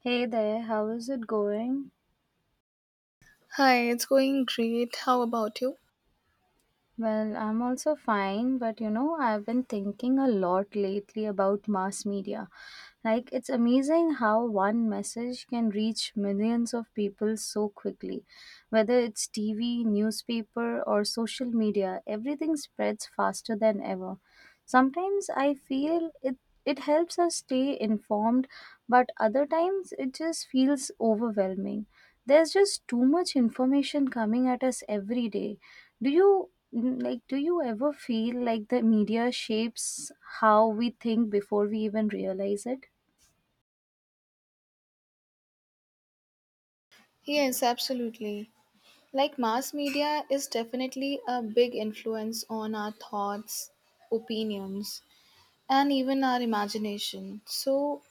Hey there, how is it going? Hi, it's going great. How about you? Well, I'm also fine, but you know, I've been thinking a lot lately about mass media. Like, it's amazing how one message can reach millions of people so quickly. Whether it's TV, newspaper, or social media, everything spreads faster than ever. Sometimes I feel it, it helps us stay informed, but other times it just feels overwhelming. There's just too much information coming at us every day. Do you like do you ever feel like the media shapes how we think before we even realize it? Yes, absolutely. Like mass media is definitely a big influence on our thoughts, opinions, and even our imagination. So,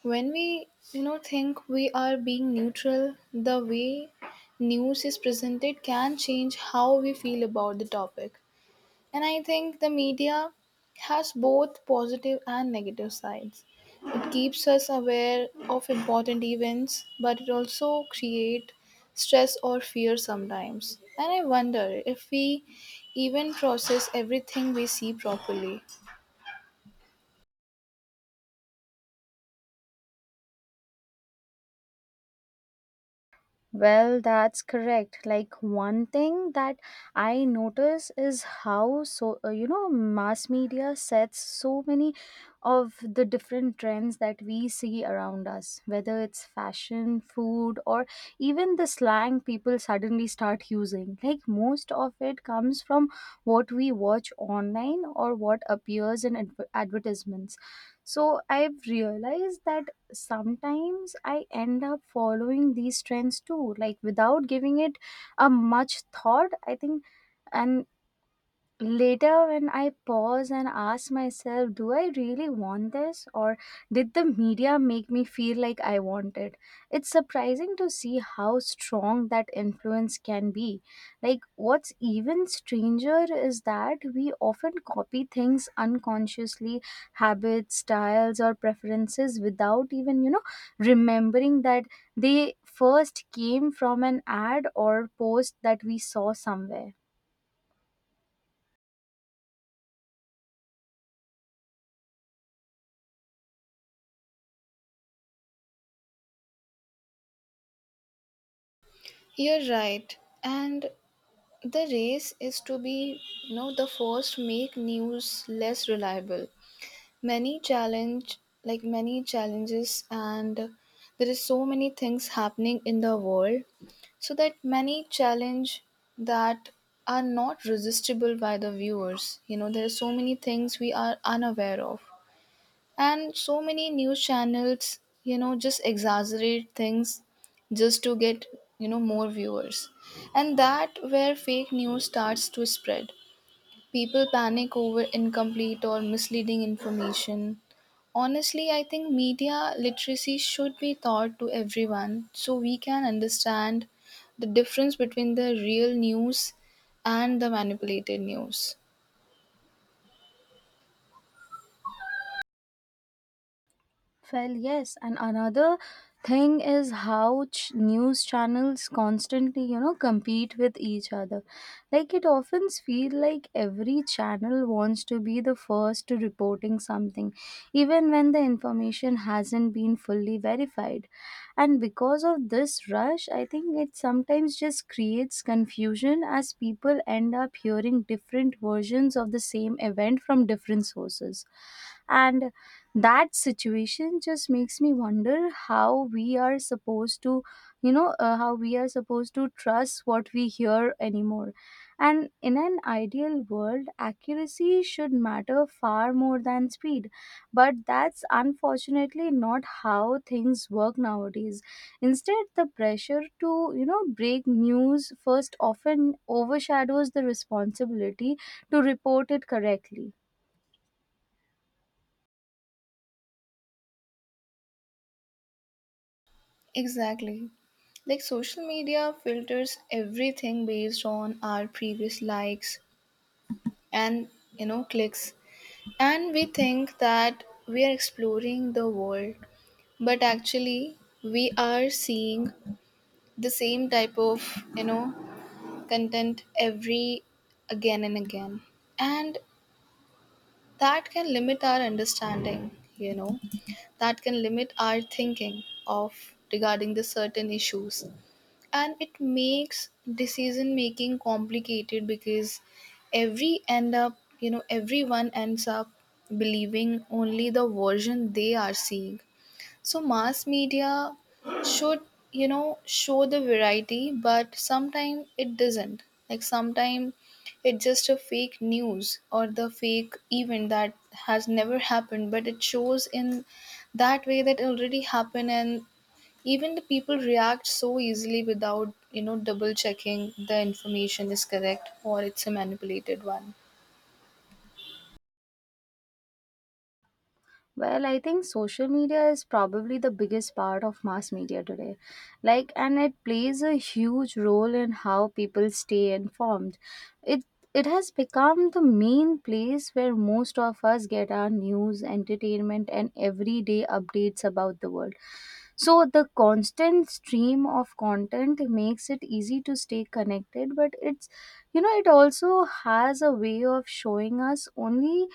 when we think we are being neutral, the way news is presented can change how we feel about the topic. And I think the media has both positive and negative sides. It keeps us aware of important events, but it also creates stress or fear sometimes. And I wonder if we even process everything we see properly. Well, that's correct. Like one thing that I notice is how you know mass media sets so many of the different trends that we see around us, whether it's fashion, food, or even the slang people suddenly start using. Like most of it comes from what we watch online or what appears in advertisements. So I've realized that sometimes I end up following these trends too, like without giving it a much thought. I think, and later, when I pause and ask myself, do I really want this? Or did the media make me feel like I want it? It's surprising to see how strong that influence can be. Like, what's even stranger is that we often copy things unconsciously, habits, styles, or preferences without even, you know, remembering that they first came from an ad or post that we saw somewhere. You're right. And the race is to be the first make news less reliable. many challenge Many challenges, and there is so many things happening in the world, so that many challenge that are not resistible by the viewers. You know, there are so many things we are unaware of, and so many news channels just exaggerate things just to get more viewers, and that where fake news starts to spread. People panic over incomplete or misleading information. Honestly, I think media literacy should be taught to everyone, so we can understand the difference between the real news and the manipulated news. Well, yes, and another thing is how news channels constantly, you know, compete with each other. Like it often feels like every channel wants to be the first to reporting something, even when the information hasn't been fully verified. And because of this rush, I think it sometimes just creates confusion as people end up hearing different versions of the same event from different sources, and that situation just makes me wonder how we are supposed to, how we are supposed to trust what we hear anymore. And in an ideal world, accuracy should matter far more than speed, but that's unfortunately not how things work nowadays. Instead, the pressure to, you know, break news first often overshadows the responsibility to report it correctly. Exactly. Like, social media filters everything based on our previous likes and clicks, and we think that we are exploring the world, but actually we are seeing the same type of you know content every again and again, and that can limit our understanding. You know, that can limit our thinking of regarding the certain issues, and it makes decision making complicated because everyone ends up believing only the version they are seeing. So mass media should show the variety, but sometimes it doesn't. Like, sometimes it's just a fake news or the fake event that has never happened, but it shows in that way that already happened. And even the people react so easily without double checking the information is correct or it's a manipulated one. Well, I think social media is probably the biggest part of mass media today. Like, and it plays a huge role in how people stay informed. It it has become the main place where most of us get our news, entertainment, and everyday updates about the world. So the constant stream of content makes it easy to stay connected, but it's, you know, it also has a way of showing us only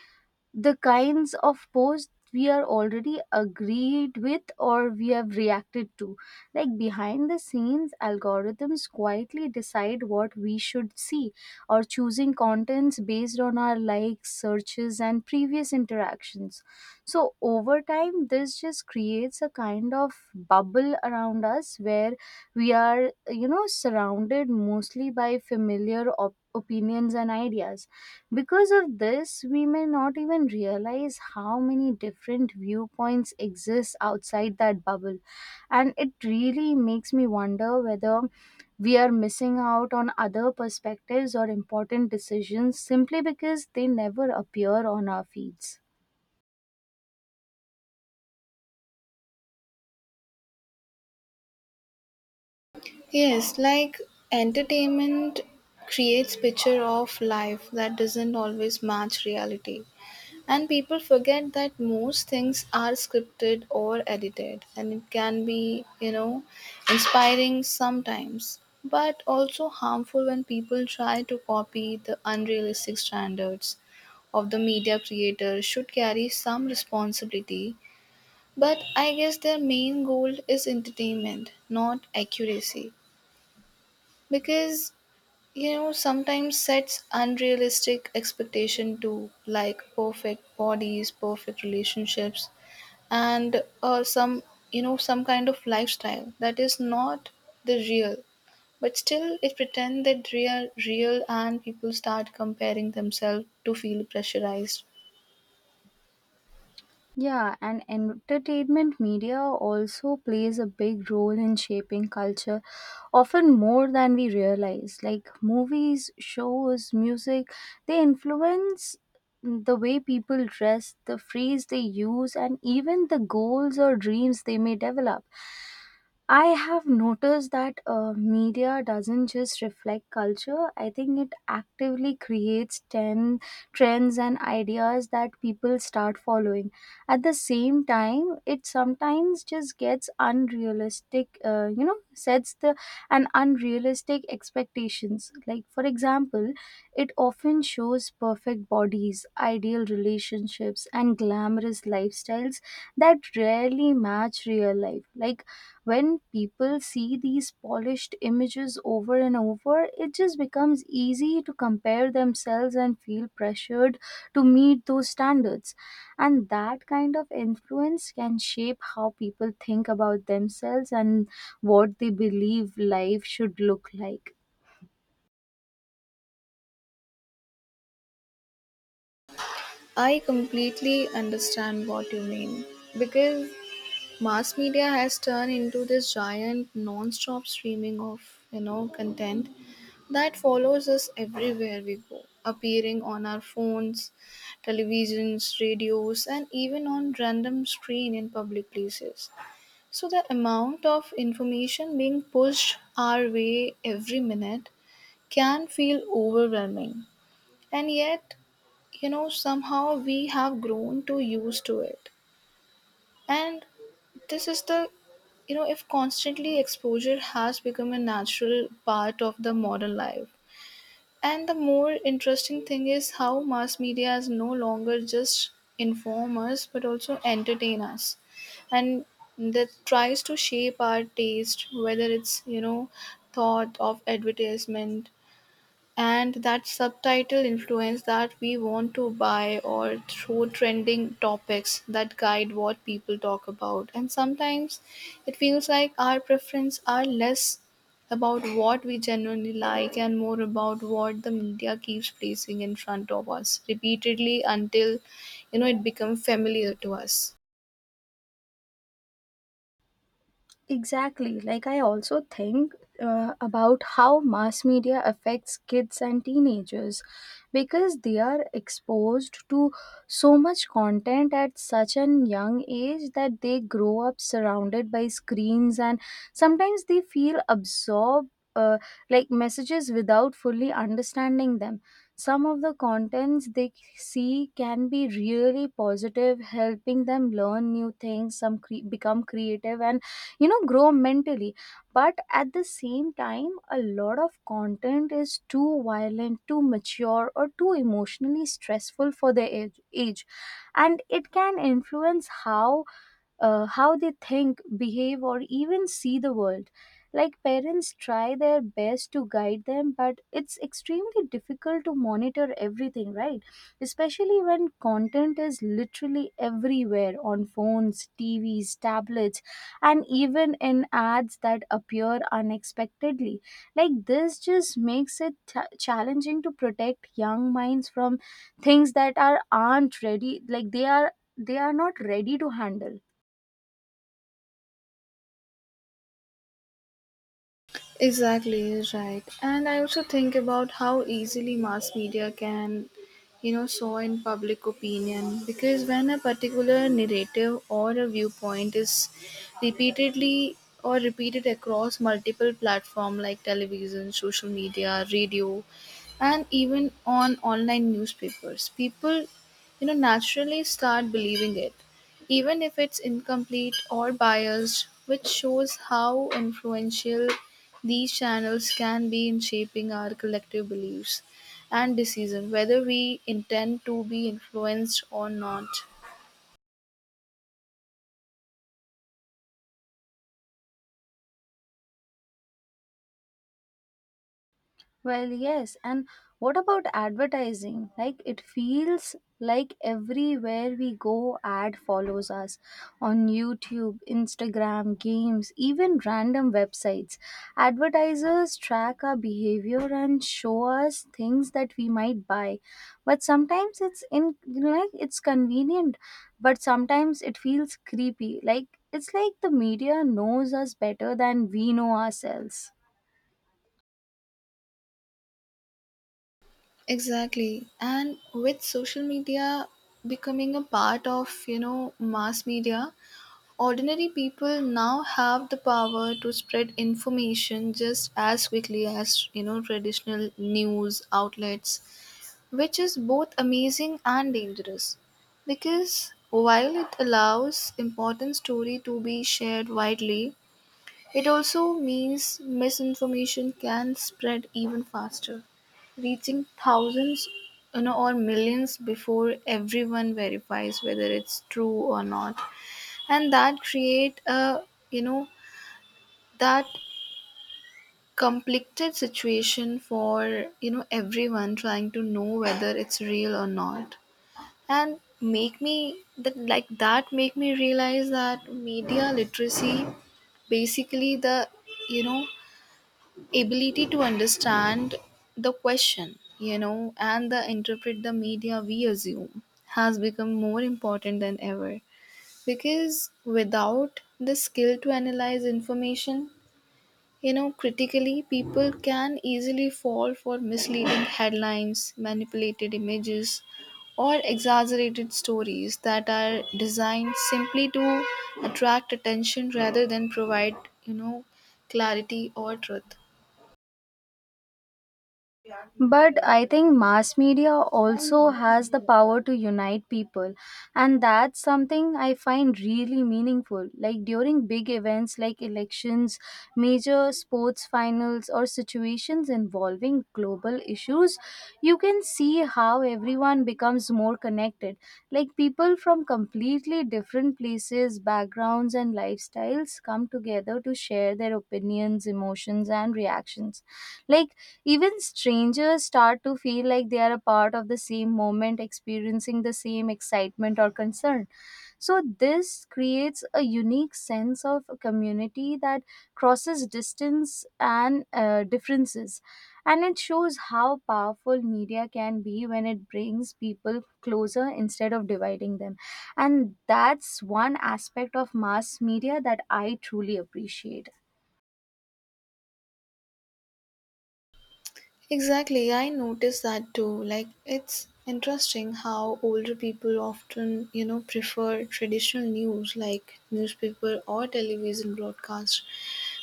the kinds of posts we are already agreed with or we have reacted to. Like behind the scenes, algorithms quietly decide what we should see or choosing contents based on our likes, searches, and previous interactions. So over time, this just creates a kind of bubble around us where we are, you know, surrounded mostly by familiar opinions and ideas. Because of this, we may not even realize how many different viewpoints exist outside that bubble, and it really makes me wonder whether we are missing out on other perspectives or important decisions simply because they never appear on our feeds. Yes, like entertainment creates picture of life that doesn't always match reality. And people forget that most things are scripted or edited, and it can be inspiring sometimes, but also harmful when people try to copy the unrealistic standards of the media creators. Should carry some responsibility, but I guess their main goal is entertainment, not accuracy, because sometimes sets unrealistic expectation to like perfect bodies, perfect relationships, and some some kind of lifestyle that is not the real, but still it pretend that real, and people start comparing themselves to feel pressurized. Yeah, and entertainment media also plays a big role in shaping culture, often more than we realize. Like movies, shows, music, they influence the way people dress, the phrase they use, and even the goals or dreams they may develop. I have noticed that media doesn't just reflect culture. I think it actively creates ten trends and ideas that people start following. At the same time, it sometimes just gets unrealistic. You know, sets the an unrealistic expectations. Like for example, it often shows perfect bodies, ideal relationships, and glamorous lifestyles that rarely match real life. Like when people see these polished images over and over, it just becomes easy to compare themselves and feel pressured to meet those standards. And that kind of influence can shape how people think about themselves and what they believe life should look like. I completely understand what you mean, because mass media has turned into this giant non-stop streaming of content that follows us everywhere we go, appearing on our phones, televisions, radios, and even on random screen in public places. So the amount of information being pushed our way every minute can feel overwhelming. And yet somehow we have grown to used to it. And this is if constantly exposure has become a natural part of the modern life. And the more interesting thing is how mass media is no longer just inform us but also entertain us. And that tries to shape our taste, whether it's thought of advertisement, and that subtitle influence that we want to buy, or through trending topics that guide what people talk about. And sometimes it feels like our preference are less about what we genuinely like and more about what the media keeps placing in front of us repeatedly, until it becomes familiar to us. Exactly. Like, I also think about how mass media affects kids and teenagers because they are exposed to so much content at such an young age that they grow up surrounded by screens and sometimes they feel absorbed. Uh, like messages without fully understanding them. Some of the contents they see can be really positive, helping them learn new things, some become creative, and you know grow mentally, but at the same time a lot of content is too violent, too mature, or too emotionally stressful for their age, and it can influence how, how they think, behave, or even see the world. Like parents try their best to guide them, but it's extremely difficult to monitor everything, right? Especially when content is literally everywhere on phones, TVs, tablets, and even in ads that appear unexpectedly. Like this just makes it challenging to protect young minds from things that are aren't ready, like they are not ready to handle. Exactly right. And I also think about how easily mass media can sow in public opinion, because when a particular narrative or a viewpoint is repeatedly repeated across multiple platforms like television, social media, radio, and even on online newspapers, people naturally start believing it, even if it's incomplete or biased, which shows how influential these channels can be in shaping our collective beliefs and decisions, whether we intend to be influenced or not. Well, yes. And what about advertising? Like, it feels like everywhere we go, ad follows us on YouTube, Instagram, games, even random websites. Advertisers track our behavior and show us things that we might buy. But sometimes it's in like it's convenient, but sometimes it feels creepy. Like it's like the media knows us better than we know ourselves. Exactly. And with social media becoming a part of mass media, ordinary people now have the power to spread information just as quickly as traditional news outlets, which is both amazing and dangerous, because while it allows important story to be shared widely, it also means misinformation can spread even faster, reaching thousands or millions before everyone verifies whether it's true or not. And that create a you know that conflicted situation for everyone trying to know whether it's real or not, and make me that like that make me realize that media literacy, basically the you know ability to understand the question and the interpret the media we assume, has become more important than ever, because without the skill to analyze information, you know, critically, people can easily fall for misleading headlines, manipulated images, or exaggerated stories that are designed simply to attract attention rather than provide, you know, clarity or truth. But I think mass media also has the power to unite people, and that's something I find really meaningful. Like during big events like elections, major sports finals, or situations involving global issues, you can see how everyone becomes more connected. Like people from completely different places, backgrounds, and lifestyles come together to share their opinions, emotions, and reactions. Like even strangers start to feel like they are a part of the same moment, experiencing the same excitement or concern. So, this creates a unique sense of community that crosses distance and, differences. And it shows how powerful media can be when it brings people closer instead of dividing them. And that's one aspect of mass media that I truly appreciate. Exactly, I noticed that too. Like, it's interesting how older people often prefer traditional news like newspaper or television broadcast,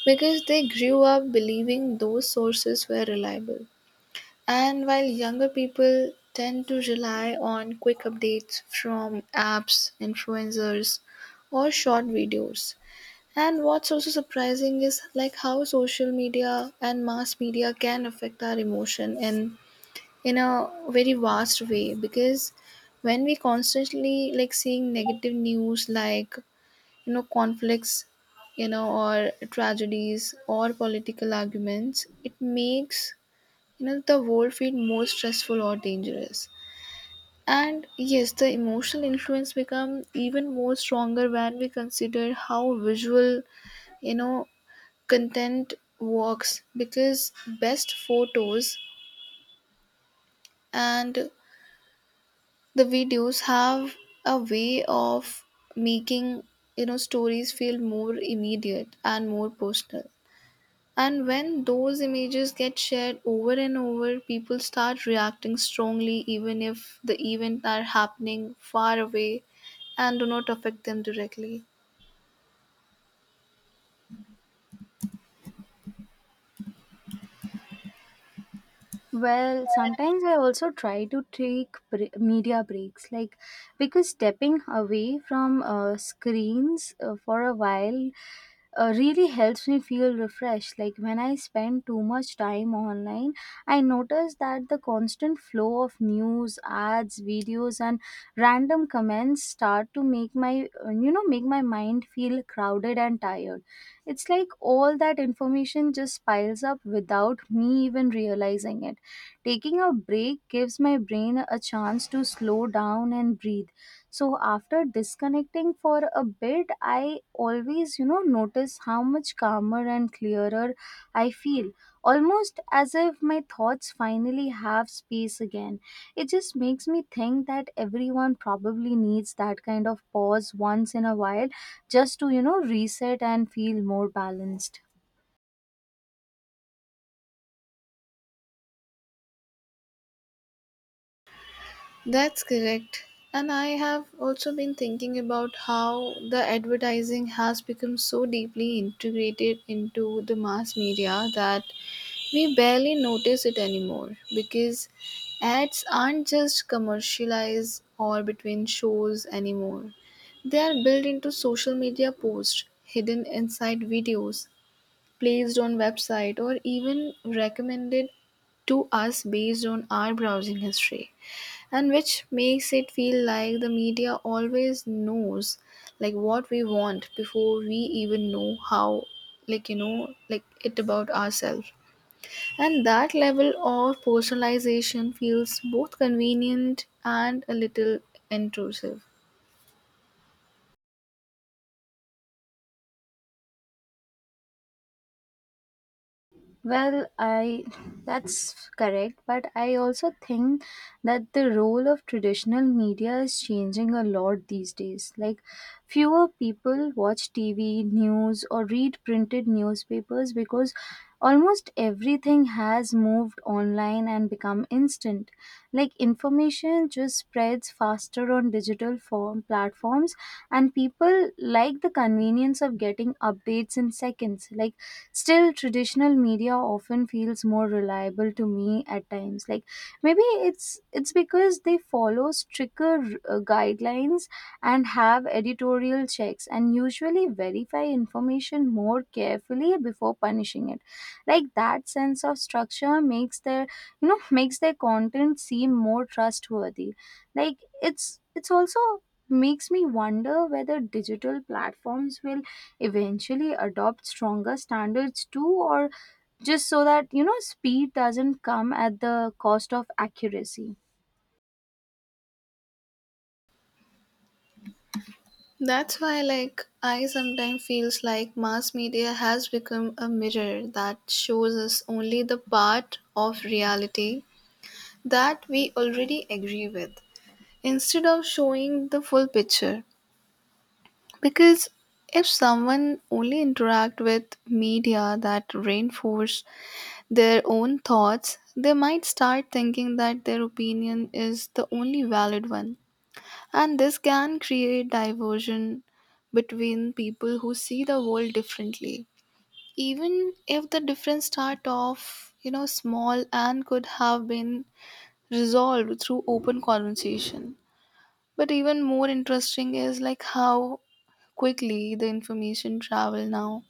because they grew up believing those sources were reliable. And while younger people tend to rely on quick updates from apps, influencers, or short videos. And what's also surprising is like how social media and mass media can affect our emotion in a very vast way, because when we constantly like seeing negative news like conflicts, or tragedies or political arguments, it makes the world feel more stressful or dangerous. And yes, the emotional influence become even more stronger when we consider how visual you know content works, because best photos and the videos have a way of making stories feel more immediate and more personal. And when those images get shared over and over, people start reacting strongly, even if the events are happening far away and do not affect them directly. Well, sometimes I also try to take media breaks, like because stepping away from screens for a while really helps me feel refreshed. Like when I spend too much time online, I notice that the constant flow of news, ads, videos, and random comments start to make my, make my mind feel crowded and tired. It's like all that information just piles up without me even realizing it. Taking a break gives my brain a chance to slow down and breathe, so after disconnecting for a bit I always, you know, notice how much calmer and clearer I feel, almost as if my thoughts finally have space again. It just makes me think that everyone probably needs that kind of pause once in a while, just to, you know, reset and feel more balanced. That's correct. And I have also been thinking about how the advertising has become so deeply integrated into the mass media that we barely notice it anymore, because ads aren't just commercialized or between shows anymore. They are built into social media posts, hidden inside videos, placed on website, or even recommended to us based on our browsing history, and which makes it feel like the media always knows like what we want before we even know how like like it about ourselves. And that level of personalization feels both convenient and a little intrusive. Well, I that's correct, but I also think that the role of traditional media is changing a lot these days. Like fewer people watch TV, news or read printed newspapers because almost everything has moved online and become instant. Like information just spreads faster on digital form platforms, and people like the convenience of getting updates in seconds. Like still, traditional media often feels more reliable to me at times. Like maybe it's because they follow stricter guidelines and have editorial checks and usually verify information more carefully before punishing it. Like that sense of structure makes their, makes their content seem more trustworthy. Like it's also makes me wonder whether digital platforms will eventually adopt stronger standards too, or just so that, you know, speed doesn't come at the cost of accuracy. That's why like I sometimes feels like mass media has become a mirror that shows us only the part of reality that we already agree with, instead of showing the full picture, because if someone only interact with media that reinforce their own thoughts, they might start thinking that their opinion is the only valid one. And this can create diversion between people who see the world differently, even if the difference start off small and could have been resolved through open conversation. But even more interesting is like how quickly the information travel now,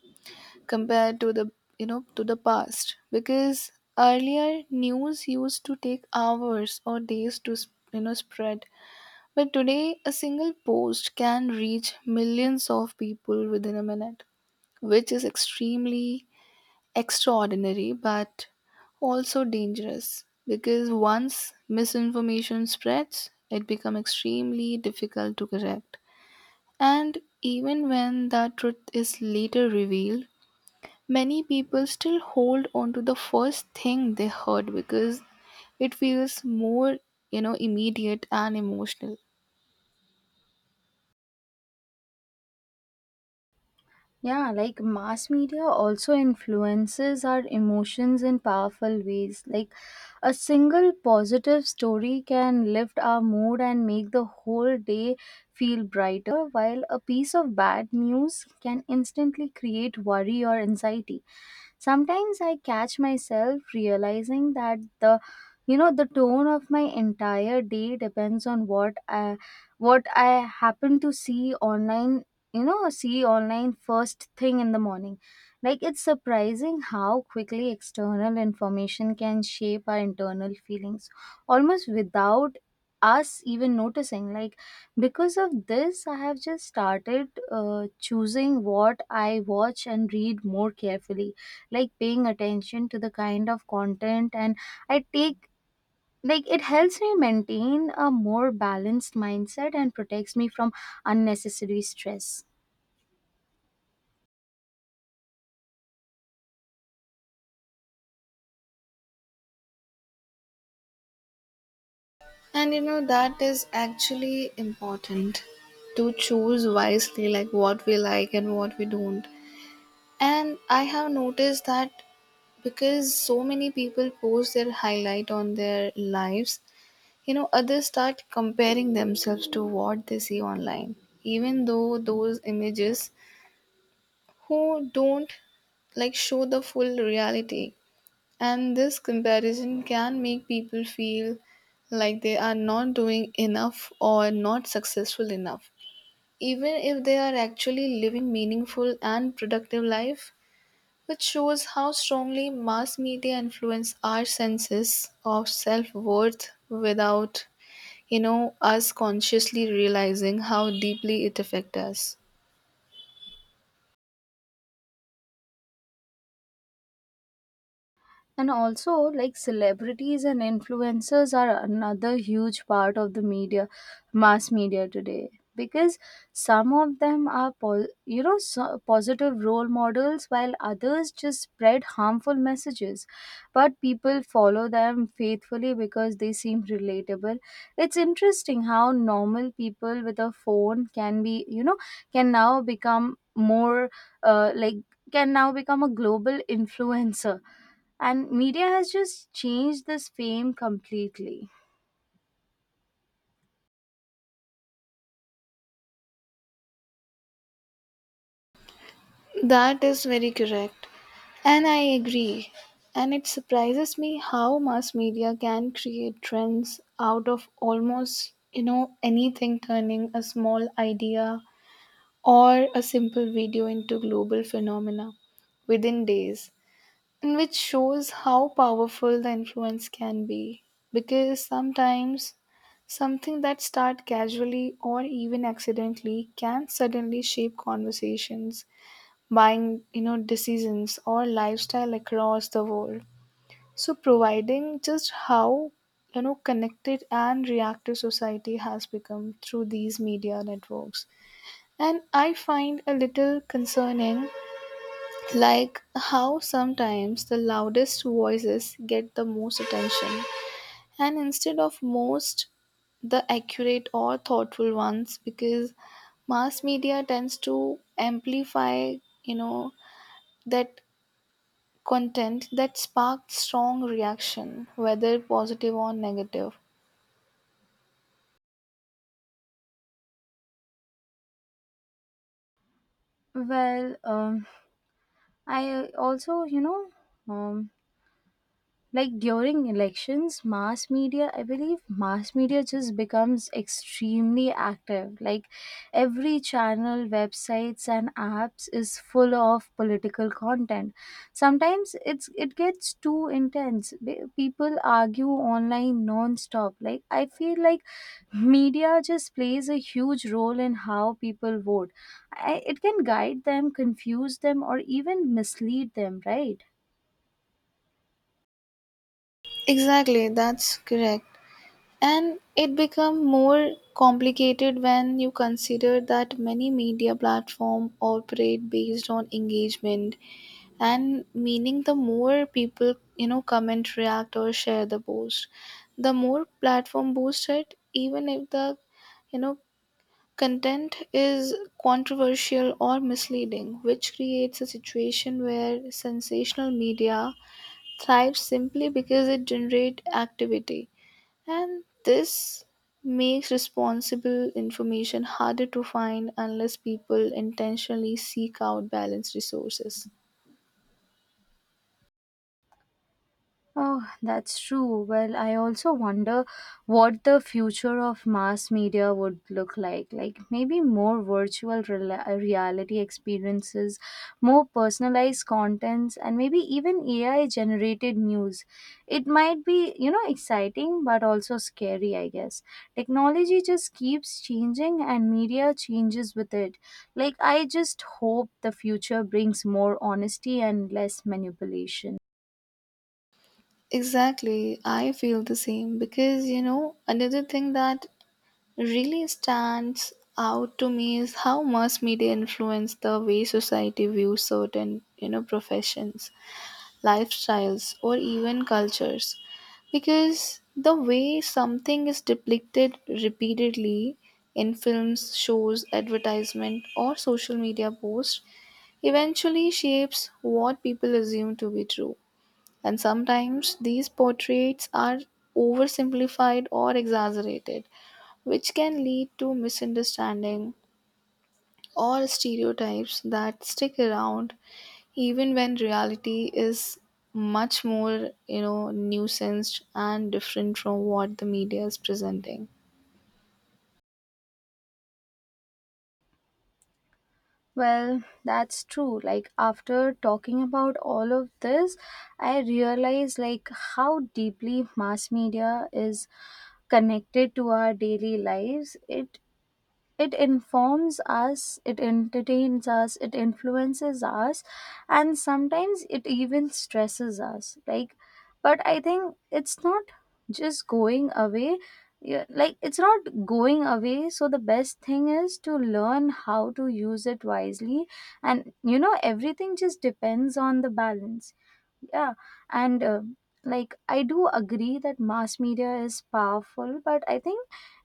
compared to the past, because earlier news used to take hours or days to spread, but today a single post can reach millions of people within a minute, which is extremely extraordinary, but also dangerous, because once misinformation spreads it becomes extremely difficult to correct. And even when the truth is later revealed, many people still hold on to the first thing they heard, because it feels more immediate and emotional. Yeah, like mass media also influences our emotions in powerful ways. Like a single positive story can lift our mood and make the whole day feel brighter, while a piece of bad news can instantly create worry or anxiety. Sometimes I catch myself realizing that the, the tone of my entire day depends on what I happen to see online, you know, see online first thing in the morning. Like it's surprising how quickly external information can shape our internal feelings almost without us even noticing. Like because of this I have just started, choosing what I watch and read more carefully, like paying attention to the kind of content and I take, like it helps me maintain a more balanced mindset and protects me from unnecessary stress. And that is actually important, to choose wisely, like what we like and what we don't. And I have noticed that because so many people post their highlight on their lives others start comparing themselves to what they see online, even though those images who don't like show the full reality, and this comparison can make people feel like they are not doing enough or not successful enough, even if they are actually living meaningful and productive life, which shows how strongly mass media influence our senses of self-worth without you know us consciously realizing how deeply it affects us. And also, like celebrities and influencers are another huge part of the media, mass media today. Because some of them are, you know, so positive role models, while others just spread harmful messages. But people follow them faithfully because they seem relatable. It's interesting how normal people with a phone can be, you know, can now become more, uh, like can now become a global influencer, and media has just changed this fame completely. That is very correct. And I agree. And it surprises me how mass media can create trends out of almost anything, turning a small idea or a simple video into global phenomena within days. And which shows how powerful the influence can be. Because sometimes something that starts casually or even accidentally can suddenly shape conversations, buying decisions, or lifestyle across the world, so providing just how connected and reactive society has become through these media networks. And I find a little concerning, like how sometimes the loudest voices get the most attention, and instead of most the accurate or thoughtful ones, because mass media tends to amplify you know that content that sparked strong reaction, whether positive or negative. Well, I also, um like during elections mass media, I believe mass media just becomes extremely active. Like every channel, websites, and apps is full of political content. Sometimes it gets too intense. People argue online non-stop. Like I feel like media just plays a huge role in how people vote. It can guide them, confuse them, or even mislead them, right? Exactly, that's correct. And it become more complicated when you consider that many media platform operate based on engagement, and meaning the more people comment, react, or share the post, the more platform boosts it, even if the you know content is controversial or misleading, which creates a situation where sensational media thrives simply because it generates activity. And this makes responsible information harder to find unless people intentionally seek out balanced resources. Oh, that's true. Well, I also wonder what the future of mass media would look like. Like maybe more virtual reality experiences, more personalized contents, and maybe even AI generated news. It might be, you know, exciting but also scary, I guess. Technology just keeps changing and media changes with it. Like I just hope the future brings more honesty and less manipulation. Exactly, I feel the same, because another thing that really stands out to me is how mass media influence the way society views certain professions, lifestyles, or even cultures, because the way something is depicted repeatedly in films, shows, advertisement, or social media posts eventually shapes what people assume to be true. And sometimes these portraits are oversimplified or exaggerated, which can lead to misunderstanding or stereotypes that stick around even when reality is much more nuanced and different from what the media is presenting. Well, that's true. Like after talking about all of this, I realize like how deeply mass media is connected to our daily lives. It informs us, it entertains us, it influences us, and sometimes it even stresses us. Like, but I think it's not just going away. Yeah, like, it's not going away. So, the best thing is to learn how to use it wisely. And, you know, everything just depends on the balance, yeah. And, like I do agree that mass media is powerful, but I think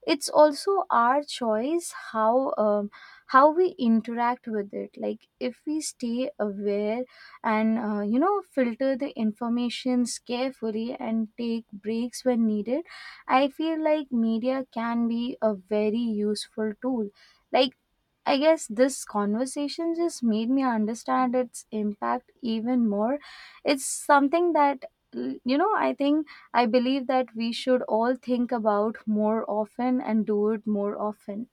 it's also our choice how, how we interact with it. Like if we stay aware and, you know, filter the informations carefully and take breaks when needed, I feel like media can be a very useful tool. Like I guess this conversation just made me understand its impact even more. It's something that, I think I believe that we should all think about more often and do it more often.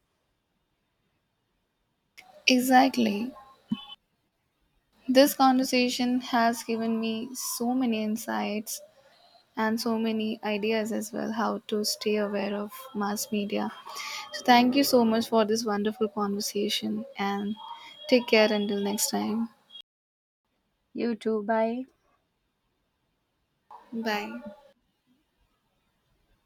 Exactly, this conversation has given me so many insights and so many ideas as well how to stay aware of mass media. So thank you so much for this wonderful conversation, and take care until next time. You too, bye. Bye.